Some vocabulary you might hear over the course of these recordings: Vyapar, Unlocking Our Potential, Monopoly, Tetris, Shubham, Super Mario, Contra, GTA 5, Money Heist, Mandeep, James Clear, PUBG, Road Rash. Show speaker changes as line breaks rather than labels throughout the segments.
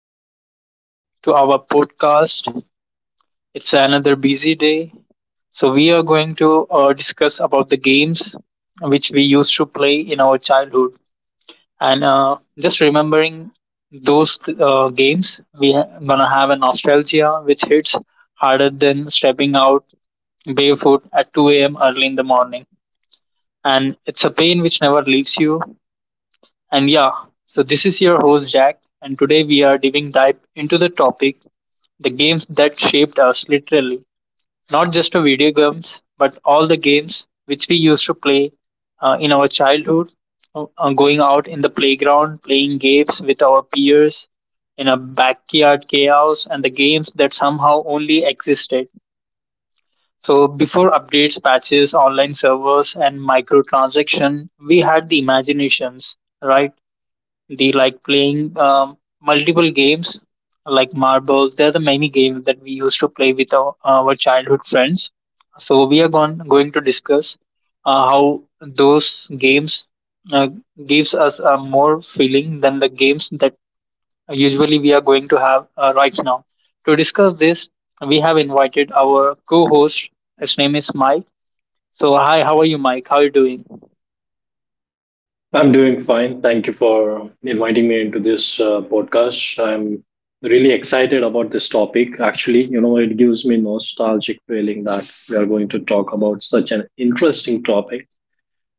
Welcome back to our podcast. It's another busy day. So, we are going to discuss about the games which we used to play in our childhood. And just remembering those games, we are going to have a nostalgia which hits harder than stepping out barefoot at 2 a.m. early in the morning. And it's a pain which never leaves you. And yeah, so this is your host, Jack. And today we are diving dive into the topic: the games that shaped us literally, not just the video games, but all the games which we used to play in our childhood, going out in the playground, playing games with our peers in a backyard chaos, and the games that somehow only existed. So before updates, patches, online servers, and microtransaction, we had the imaginations, right? They like playing multiple games like marbles. There are the many games that we used to play with our childhood friends. So we are going to discuss how those games uh, gives us a more feeling than the games that usually we are going to have right now. To discuss this, we have invited our co-host. His name is Mike. So hi, how are you, Mike? How are you doing?
I'm doing fine. Thank you for inviting me into this podcast. I'm really excited about this topic. Actually, you know, it gives me nostalgic feeling that we are going to talk about such an interesting topic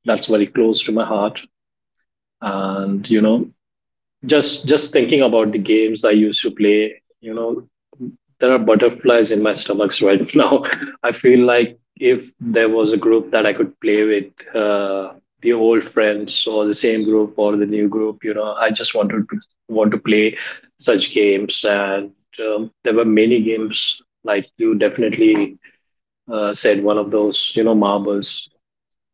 that's very close to my heart. And you know, just thinking about the games I used to play, you know, there are butterflies in my stomachs right now. I feel like if there was a group that I could play with, the old friends or the same group or the new group, you know, I just want to play such games. And there were many games like you definitely said one of those, you know, marbles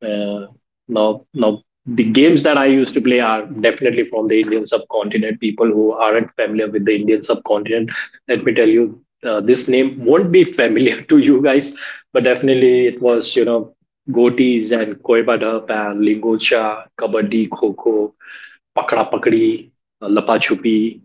uh, now the games that I used to play are definitely from the Indian subcontinent. People who aren't familiar with the Indian subcontinent, let me tell you, this name won't be familiar to you guys, but definitely it was, you know, goatees and Koiba Dup and Lingocha, Kabaddi, Kho Kho. Pakada Pakadi, Lapa Chupi,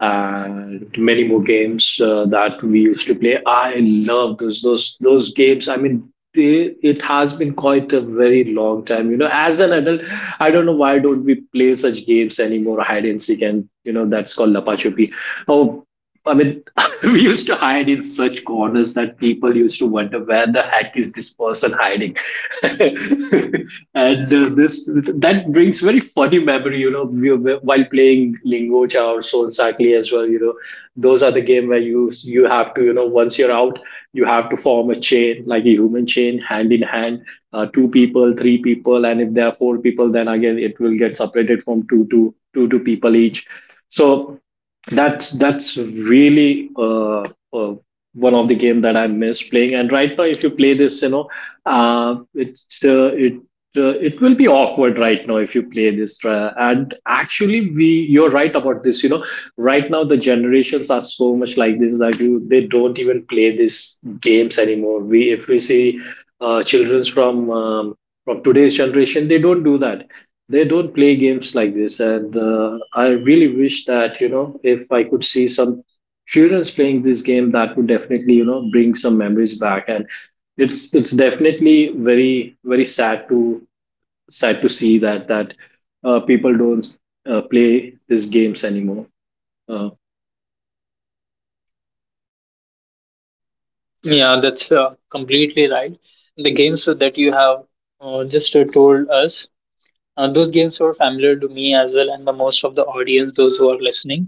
and many more games that we used to play. I love those games. I mean, it has been quite a very long time. You know, as an adult, I don't know why don't we play such games anymore. Hide and seek, and you know that's called Lapa Chupi. Oh, I mean, we used to hide in such corners that people used to wonder where the heck is this person hiding. and uh, this that brings very funny memory, you know, while playing Lingocha or Soul Cycling as well, you know, those are the game where you have to, you know, once you're out, you have to form a chain like a human chain, hand in hand, two people, three people, and if there are four people, then again it will get separated from two to people each. So that's really uh, one of the game that I miss playing. And right now, if you play this, you know, uh, it's uh, it it will be awkward right now if you play this. And actually, we you're right about this. You know, right now the generations are so much like this that you they don't even play these games anymore. We if we see childrens from today's generation, they don't play games like this, and I really wish that, you know, if I could see some children's playing this game, that would definitely, you know, bring some memories back. And it's definitely very sad to see that people don't play these games anymore. uh,
Yeah, that's completely right. The games that you have just told us, those games were familiar to me as well, and the most of the audience, those who are listening.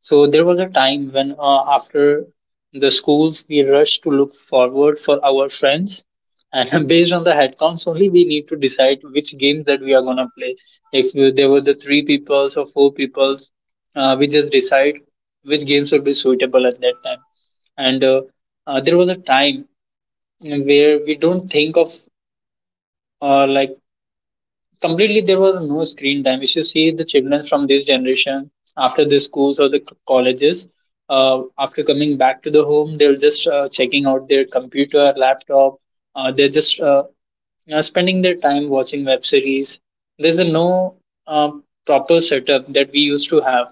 So there was a time when, after the schools, we rushed to look forward for our friends, and based on the headcounts only, we need to decide which games that we are gonna play. If you, there were the three peoples or four peoples, we just decide which games would be suitable at that time. And there was a time where we don't think of like completely there was no screen time. If you see the children from this generation after the schools or the colleges, after coming back to the home, they're just checking out their computer, laptop. Uh, they're just you know, spending their time watching web series. There's a no uh, proper setup that we used to have.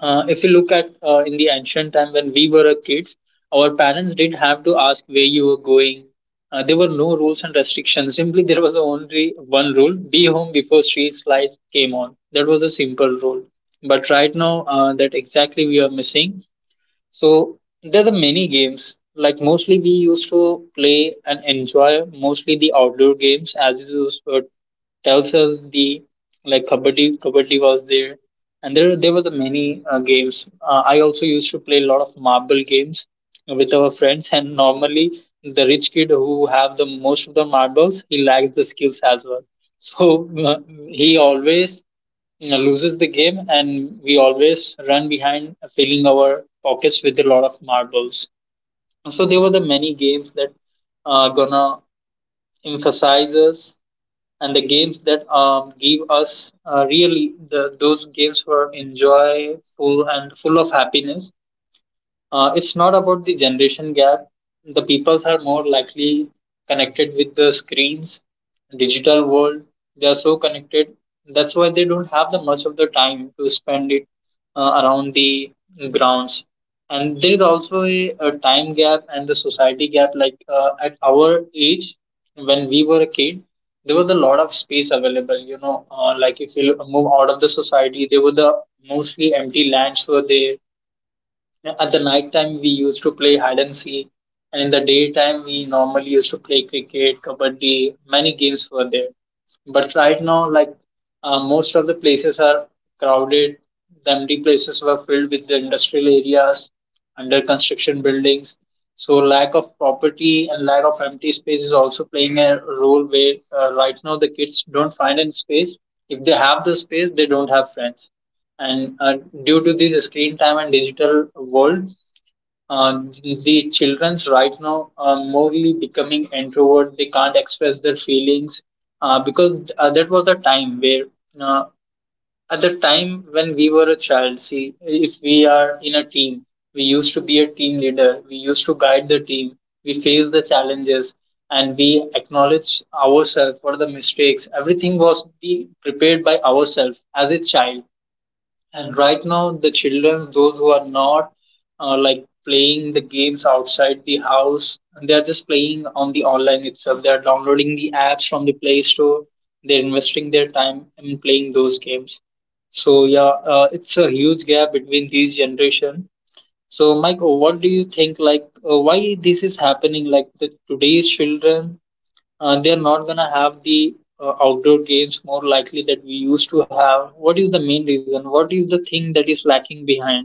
Uh, if you look at in the ancient time when we were a kids, our parents didn't have to ask where you were going. There were no rules and restrictions. Simply, there was only one rule: be home before street light came on. That was a simple rule. But right now, that exactly we are missing. So there are many games. Like mostly, we used to play and enjoy mostly the outdoor games. As you used tells us the like kabaddi, kabaddi was there, and there were the many games. Uh, I also used to play a lot of marble games with our friends, and normally the rich kid who have the most of the marbles he lacks the skills as well. So uh, he always, you know, loses the game, and we always run behind filling our pockets with a lot of marbles. So there were the many games that are gonna emphasize us, and the games that give us really the, those games were enjoyful and full of happiness. Uh, it's not about the generation gap. The peoples are more likely connected with the screens, digital world. They are so connected. That's why they don't have the much of the time to spend it around the grounds. And there is also a time gap and the society gap. Like at our age, when we were a kid, there was a lot of space available. You know, like if you move out of the society, there were the mostly empty lands were there. At the night time, we used to play hide and seek, and in the daytime, we normally used to play cricket, kabaddi. Many games were there. But right now, like most of the places are crowded. The empty places were filled with the industrial areas, under construction buildings. So lack of property and lack of empty space is also playing a role where right now the kids don't find any space. If they have the space, they don't have friends, and due to this screen time and digital world, uh, the, children's right now are morely becoming introvert. They can't express their feelings because that was a time where uh, at the time when we were a child, see if we are in a team, we used to be a team leader, we used to guide the team, we face the challenges, and we acknowledge ourselves for the mistakes. Everything was be prepared by ourselves as a child. And right now, the children, those who are not like playing the games outside the house, and they're just playing on the online itself. They're downloading the apps from the Play Store. They're investing their time in playing those games. So yeah, it's a huge gap between these generation. So Mike, what do you think? Like, why this is happening? Like the today's children they're not gonna have the outdoor games more likely that we used to have. What is the main reason? What is the thing that is lacking behind?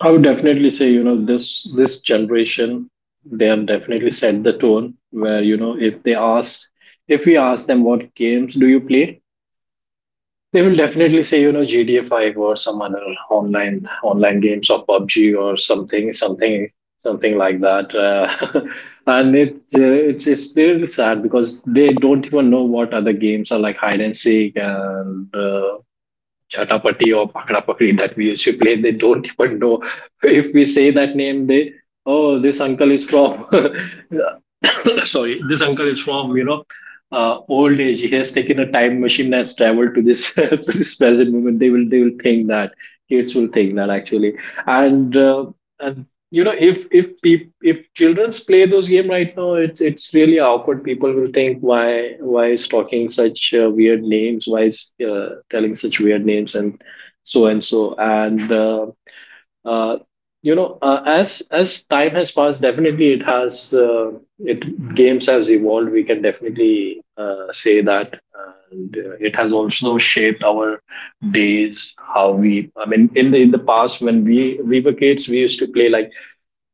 i would definitely say, you know, this generation, they have definitely set the tone where, you know, if we ask them, what games do you play? They will definitely say, you know, GTA 5 or some other online games or PUBG or something, like that. And it's it's really sad because they don't even know what other games are like hide and seek, and Chhatapati or Pakda Pakdi that we used to play. They don't even know. If we say that name, they, oh, this uncle is from sorry, this uncle is from, you know, old age. He has taken a time machine and has traveled to this to this present moment. They will think that kids will think that actually. And uh, and you know, if if childrens play those game right now, it's really awkward. People will think, why is talking such weird names, why is telling such weird names, and so and so, and uh, you know, as time has passed, definitely it has it games has evolved, we can definitely say that. And it has also shaped our days, how we, I mean, in the past when we were kids, we used to play like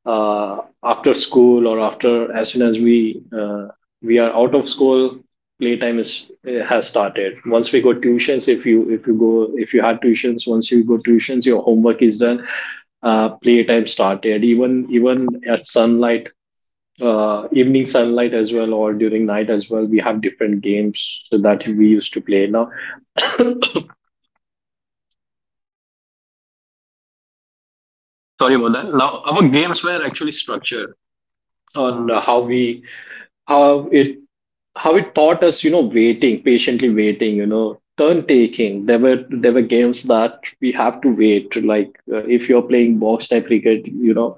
after school, or after as soon as we are out of school, playtime is has started. Once we go tuitions, if you had tuitions, once you go tuitions, your homework is done. Playtime started even at sunlight, evening sunlight as well, or during night as well, we have different games so that we used to play now. Sorry about that. Now our games were actually structured on how it how it taught us, you know, waiting, patiently waiting, you know, turn taking. There were games that we have to wait. Like if you're playing box type cricket, you know,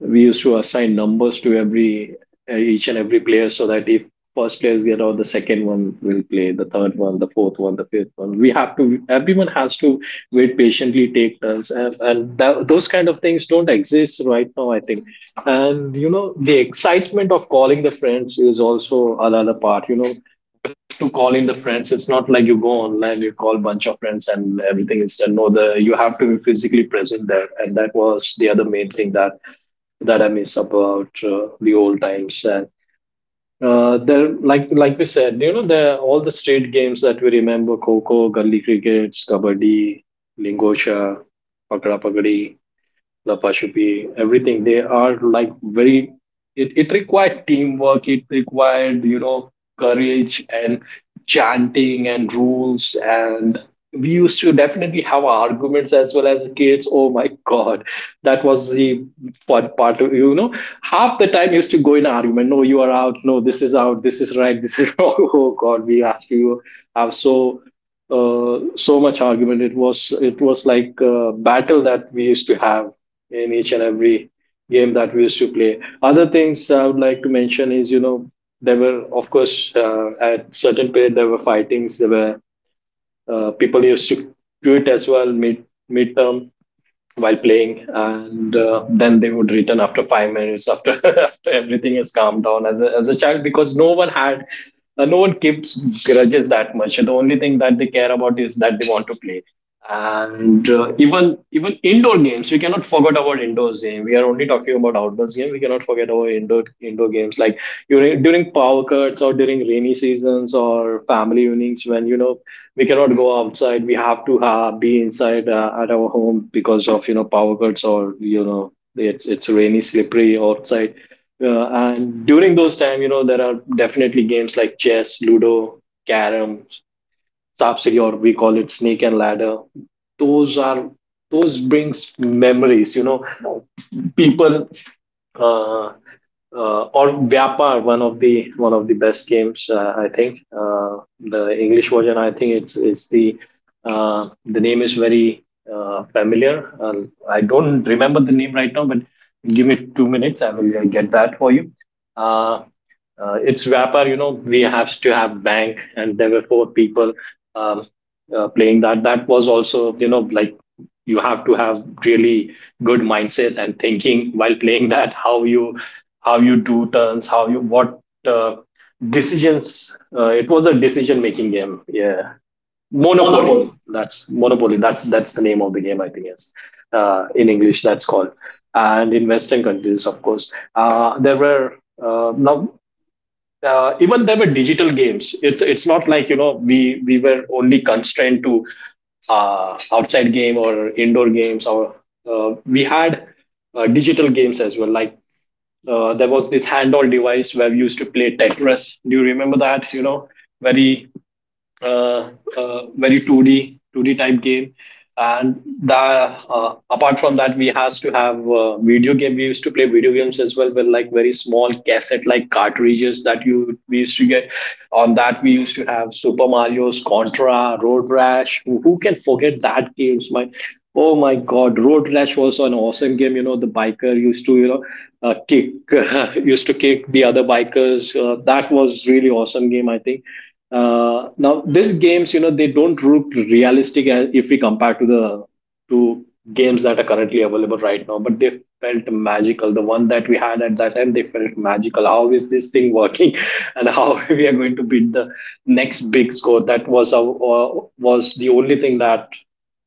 we used to assign numbers to every each and every player, so that if first players get out, the second one will play, the third one, the fourth one, the fifth one. We have to, everyone has to wait patiently, take turns. Those kind of things don't exist right now, I think. And you know, the excitement of calling the friends is also another part. You know, to call in the friends, it's not like you go online, you call bunch of friends and everything is done. No, the you have to be physically present there, and that was the other main thing that I miss about the old times. And like we said, you know, there all the street games that we remember: Coco, Gully Cricket, Kabaddi, Lingosha, Pakra Pagadi. Lapa Shuppi, everything. They are like very, it required teamwork, it required, you know, courage and chanting and rules. And we used to definitely have arguments as well as kids. Oh my God, that was the fun part. You know, half the time used to go in argument. No, you are out. No, this is out. This is right. This is wrong. Oh God, we asked you. I'm so so much argument. It was like a battle that we used to have in each and every game that we used to play. Other things I would like to mention is, you know, there were, of course, at certain period, there were fightings. There were people used to quit as well, midterm while playing, and then they would return after 5 minutes, after after everything is calmed down, as a child, because no one had no one keeps grudges that much. The only thing that they care about is that they want to play. And even indoor games, we cannot forget about indoor game. We are only talking about outdoors game. We cannot forget about indoor games like during power cuts or during rainy seasons or family evenings, when, you know, we cannot go outside, we have to be inside at our home because of, you know, power cuts, or you know, it's rainy slippery outside. And during those time, you know, there are definitely games like chess, ludo, carom, sapsidi, or we call it snake and ladder. Those are, those brings memories, you know, people, uh, or Vyapar, one of the best games, I think. The English version, I think it's the name is very familiar. I don't remember the name right now, but give me 2 minutes, I will get that for you. Uh, it's Vyapar, you know, we have to have bank, and there were four people um, playing that. That was also, you know, like you have to have really good mindset and thinking while playing that, how you do turns, how you what uh, decisions. Uh, it was a decision making game. Yeah, monopoly, that's the name of the game, I think. Yes, in english, that's called. And in western countries, of course, there were now even there were digital games. It's not like, you know, we were only constrained to outside game or indoor games. Or we had digital games as well. Like there was this handheld device where we used to play Tetris. Do you remember that? You know, very uh, 2D type game. And the apart from that, we has to have video game. We used to play video games as well with like very small cassette like cartridges that you we used to get. On that, we used to have Super Mario's, Contra, Road Rash. Who can forget that games? My Oh my God, Road Rash was an awesome game. You know, the biker used to kick used to kick the other bikers. That was really awesome game. I think now, these games, you know, they don't look realistic as if we compare to the to games that are currently available right now, but they felt magical. The one that we had at that time, they felt magical. How is this thing working, and how we are going to beat the next big score? That was our was the only thing that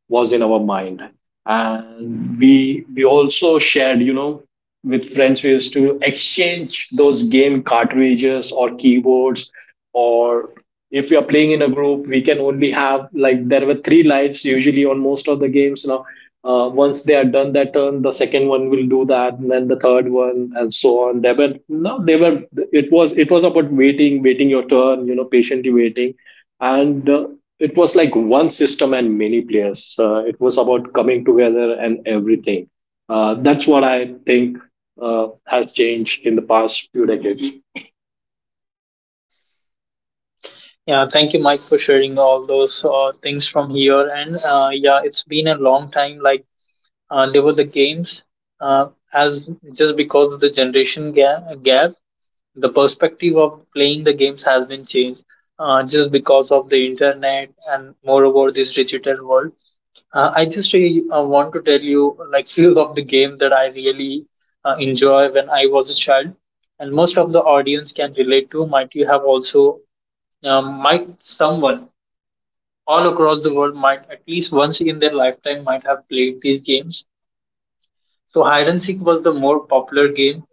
was in our mind, and we also shared, you know, with friends. We used to exchange those game cartridges or keyboards or if we are playing in a group we can only have like there were three lives usually on most of the games now, once they are done that turn, the second one will do that, and then the third one, and so on. They were no they were it was it was about waiting your turn, you know, patiently waiting. And It was like one system and many players. It was about coming together and everything. That's what I think has changed in the past few decades.
Yeah, thank you, Mike, for sharing all those things from here. And yeah, it's been a long time. Like there were the games, as just because of the gap, the perspective of playing the games has been changed. Just because of the internet and moreover this digital world. I just really, want to tell you like few of the game that I really enjoy when I was a child, and most of the audience can relate to. Might you have also might someone all across the world might at least once in their lifetime might have played these games. So hide and seek was the more popular game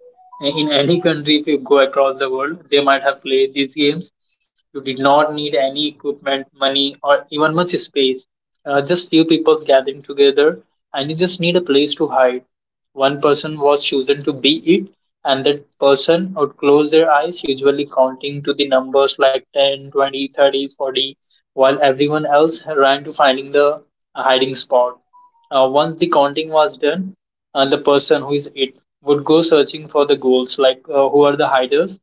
in any country. If you go across the world, they might have played these games. You did not need any equipment, money, or even much space. Just few people gathering together, and you just need a place to hide. One person was chosen to be it, and that person would close their eyes, usually counting to the numbers like 10, 20, 30, 40, while everyone else ran to finding the hiding spot. Once the counting was done, the person who is it would go searching for the goals, like who are the hiders.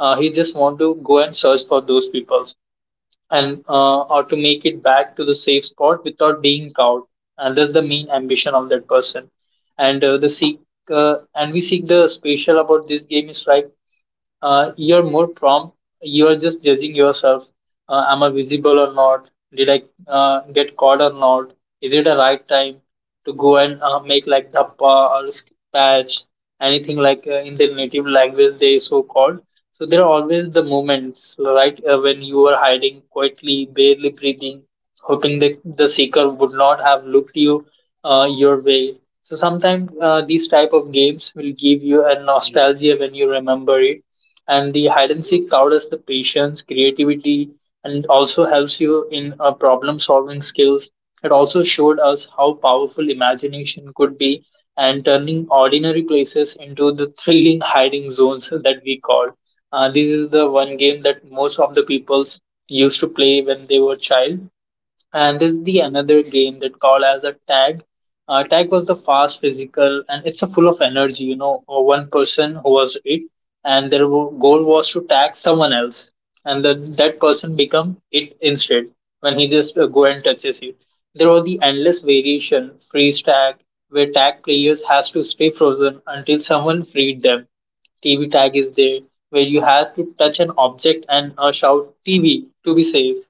Uh, he just want to go and search for those peoples, and or to make it back to the safe spot without being caught, and that's the main ambition of that person. And the seek, and we seek the special about this game is like you're more prompt. You're just judging yourself. Am I visible or not? Did I get caught or not? Is it the right time to go and make like dhappa or patch, anything like in their native language they so called? So there are always the moments, right, when you are hiding quietly, barely breathing, hoping that the seeker would not have looked you your way. So sometimes these type of games will give you a nostalgia when you remember it. And the hide and seek powers the patience, creativity, and it also helps you in problem solving skills. It also showed us how powerful imagination could be and turning ordinary places into the thrilling hiding zones that we call. This is the one game that most of the peoples used to play when they were child, and this is the another game that called as a tag. Tag was the fast physical and it's a full of energy. You know, uh, one person who was it, and their goal was to tag someone else, and then that person become it instead when he just go and touches it. There was the endless variation freeze tag where tag players has to stay frozen until someone freed them. TV tag is there where you have to touch an object and shout TV to be safe.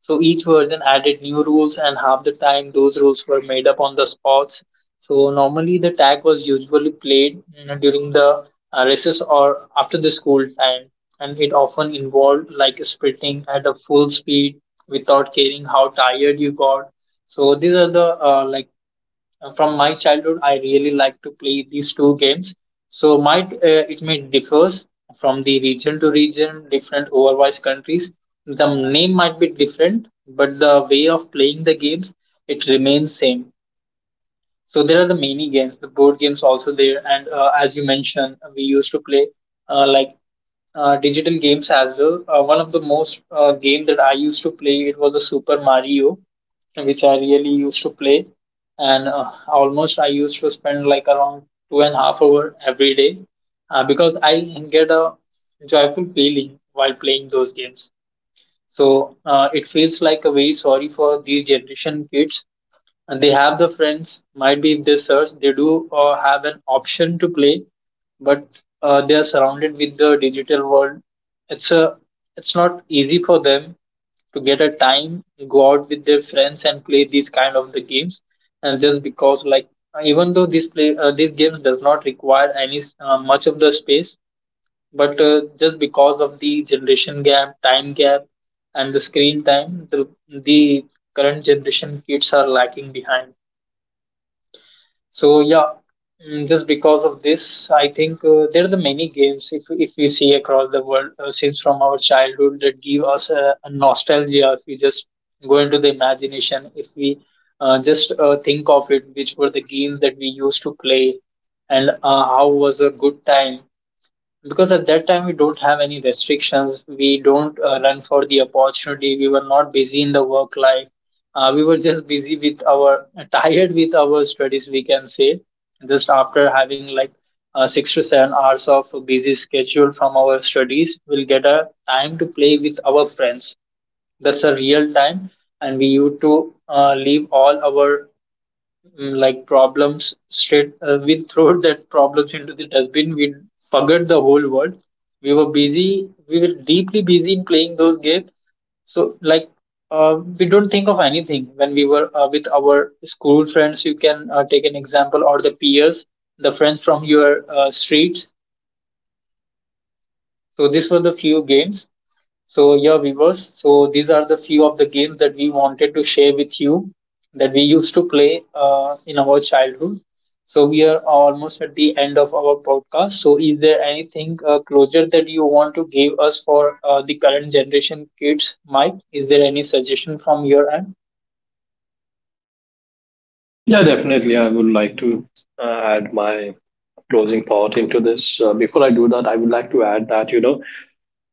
So each version added new rules, and half the time those rules were made up on the spots. So normally the tag was usually played you during the recess or after the school time, and it often involved like sprinting at a full speed without caring how tired you got. So these are the from my childhood I really like to play these two games. So my it may differs from the region to region different overwatch countries. The name might be different, but the way of playing the games, it remains same. So there are the many games, the board games also there, and as you mentioned we used to play uh, like digital games as well. One of the most game that I used to play it was a Super Mario, which I really used to play, and almost I used to spend like around 2.5 hours every day, because I get a joyful feeling while playing those games. So it feels like a very sorry for these generation kids, and they have the friends, might be if they search, they do have an option to play, but they are surrounded with the digital world. It's a it's not easy for them to get a time, go out with their friends and play these kind of the games. And just because like even though this play these games does not require any much of the space, but just because of the generation gap, time gap, and the screen time, the current generation kids are lacking behind. So yeah, just because of this, I think there are the many games, if we see across the world since from our childhood that give us a nostalgia. If we just go into the imagination, if we just think of it, which were the games that we used to play, and how was a good time, because at that time we don't have any restrictions, we don't run for the opportunity, we were not busy in the work life. We were just busy with our tired with our studies, we can say. Just after having like 6 to 7 hours of busy schedule from our studies, we'll get a time to play with our friends. That's a real time, and we used to leave all our like problems straight, we throw that problems into the dustbin. We forgot the whole world, we were busy, we were deeply busy in playing those games. So like we don't think of anything when we were with our school friends, you can take an example, or the peers, the friends from your streets. So these were the few games. So yeah, viewers, so these are the few of the games that we wanted to share with you, that we used to play in our childhood. So we are almost at the end of our podcast. So is there anything closure that you want to give us for the current generation kids, Mike? Is there any suggestion from your end?
Yeah, definitely, I would like to add my closing thought into this. Before I do that, I would like to add that, you know,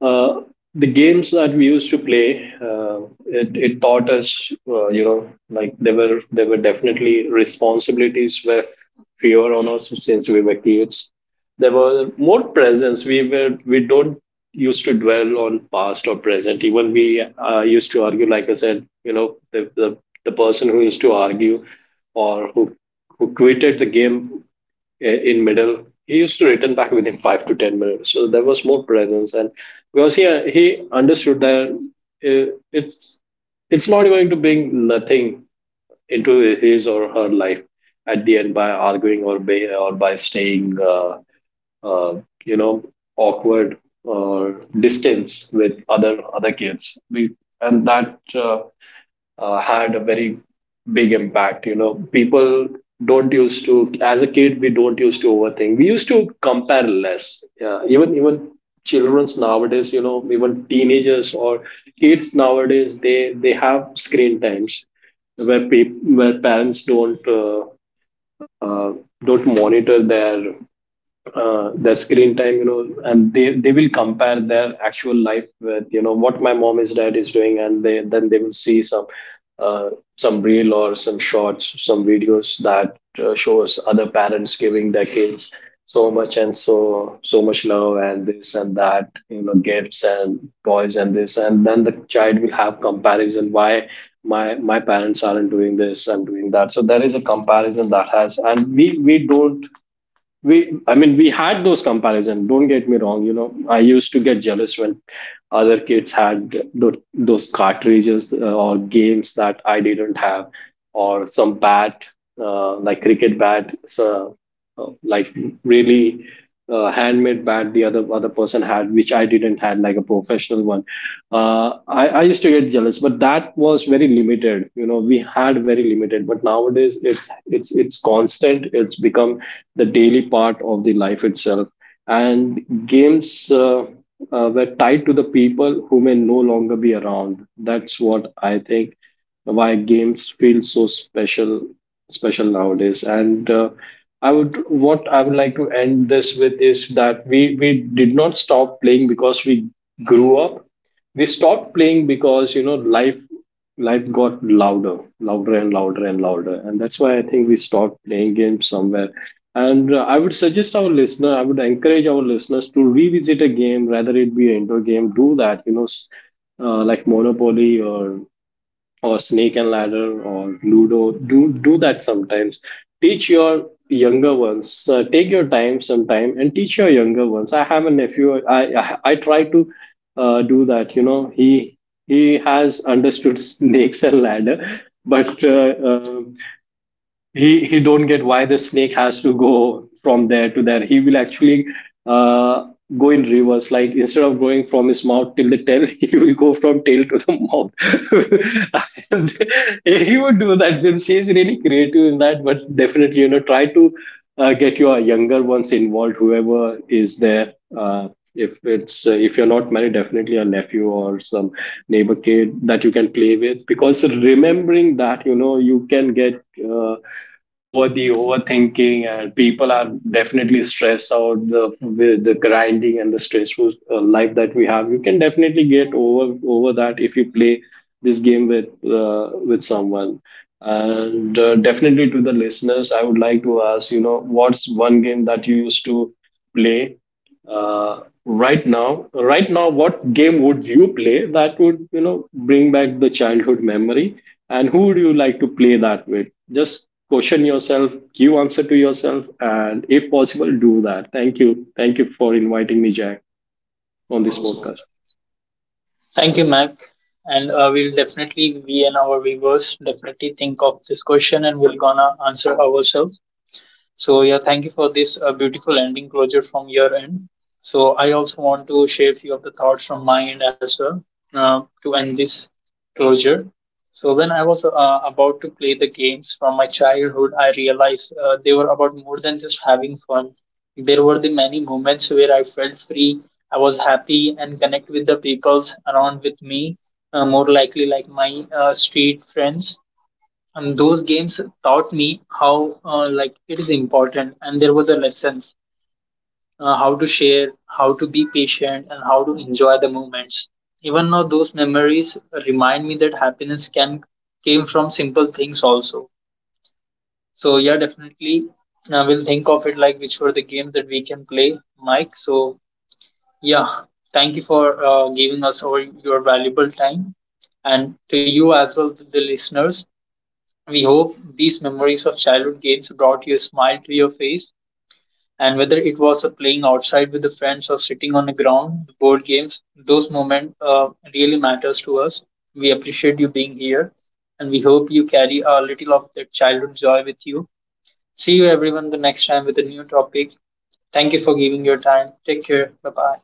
uh, the games that we used to play, it taught us, you know, like there were definitely responsibilities were fewer on us since we were kids. There were more presence. We don't used to dwell on past or present. Even we used to argue. Like I said, you know, the person who used to argue or who quitted the game in middle. He used to return back within 5 to 10 minutes, so there was more presence, and because he understood that uh, it's it's not going to bring nothing into his or her life at the end by arguing, or by staying you know, awkward or distance with other kids. We, and that Had a very big impact. You know, people don't used to, as a kid, we don't used to overthink. We used to compare less. Yeah, even childrens nowadays, you know, even teenagers or kids nowadays, they have screen times where pe- where parents uh, don't monitor their screen time, you know, and they will compare their actual life with, you know, what my mom is dad is doing, and they then they will see some, uh, some reel or some shorts, some videos that shows other parents giving their kids so much and so much love and this and that, you know, gifts and toys and this, and then the child will have comparison why my parents aren't doing this, I'm doing that. So there is a comparison that has, and we don't we I mean we had those comparison, don't get me wrong, you know, I used to get jealous when other kids had those cartridges, or games that I didn't have, or some bat, like cricket bat. Uh, like Really handmade bat the other person had, which I didn't had, like a professional one. I used to get jealous, but that was very limited. You know, we had very limited, but nowadays it's constant, it's become the daily part of the life itself. And games were tied to the people who may no longer be around. That's what I think why games feel so special nowadays. And I would what I would like to end this with is that we did not stop playing because we grew up. We stopped playing because, you know, life got louder, louder and louder and louder. And that's why I think we stopped playing games somewhere. And I would suggest our listener, I would encourage our listeners to revisit a game, rather it be an indoor game. Do that, you know, like Monopoly or Snake and Ladder or Ludo. Do that sometimes. Teach your younger ones. Take your time sometime and teach your younger ones. I have a nephew. I try to do that. You know, he has understood Snakes and Ladder, but he don't get why the snake has to go from there to there. He will actually uh go in reverse, like instead of going from his mouth till the tail, he will go from tail to the mouth and he would do that, since is really creative in that. But definitely, you know, try to get your younger ones involved, whoever is there. If it's if you're not married, definitely a nephew or some neighbor kid that you can play with, because remembering that, you know, you can get over the overthinking, and people are definitely stressed out the with the grinding and the stressful life that we have. You can definitely get over that if you play this game with someone. And definitely to the listeners, I would like to ask, you know, what's one game that you used to play right now? Right now, what game would you play that would, you know, bring back the childhood memory? And who would you like to play that with? Just question yourself, give answer to yourself, and if possible, do that. Thank you. Thank you for inviting me, Jack, on this podcast.
Thank you, Mike. And we'll definitely, we and our viewers definitely think of this question, and we're gonna answer ourselves. So yeah, thank you for this beautiful ending closure from your end. So I also want to share a few of the thoughts from my end as well, to end this closure. So when I was about to play the games from my childhood, I realized they were about more than just having fun. There were the many moments where I felt free, I was happy, and connect with the peoples around with me, more likely like my street friends. And those games taught me how, like, it is important, and there were the lessons how to share, how to be patient, and how to enjoy the moments. Even now those memories remind me that happiness can came from simple things also. So yeah, definitely we'll think of it, like which were the games that we can play, Mike. So yeah, thank you for giving us all your valuable time, and to you as well, to the listeners. We hope these memories of childhood games brought you a smile to your face. And whether it was a playing outside with the friends or sitting on the ground, board games, those moments really matters to us. We appreciate you being here, and we hope you carry a little of that childhood joy with you. See you everyone the next time with a new topic. Thank you for giving your time. Take care. Bye bye.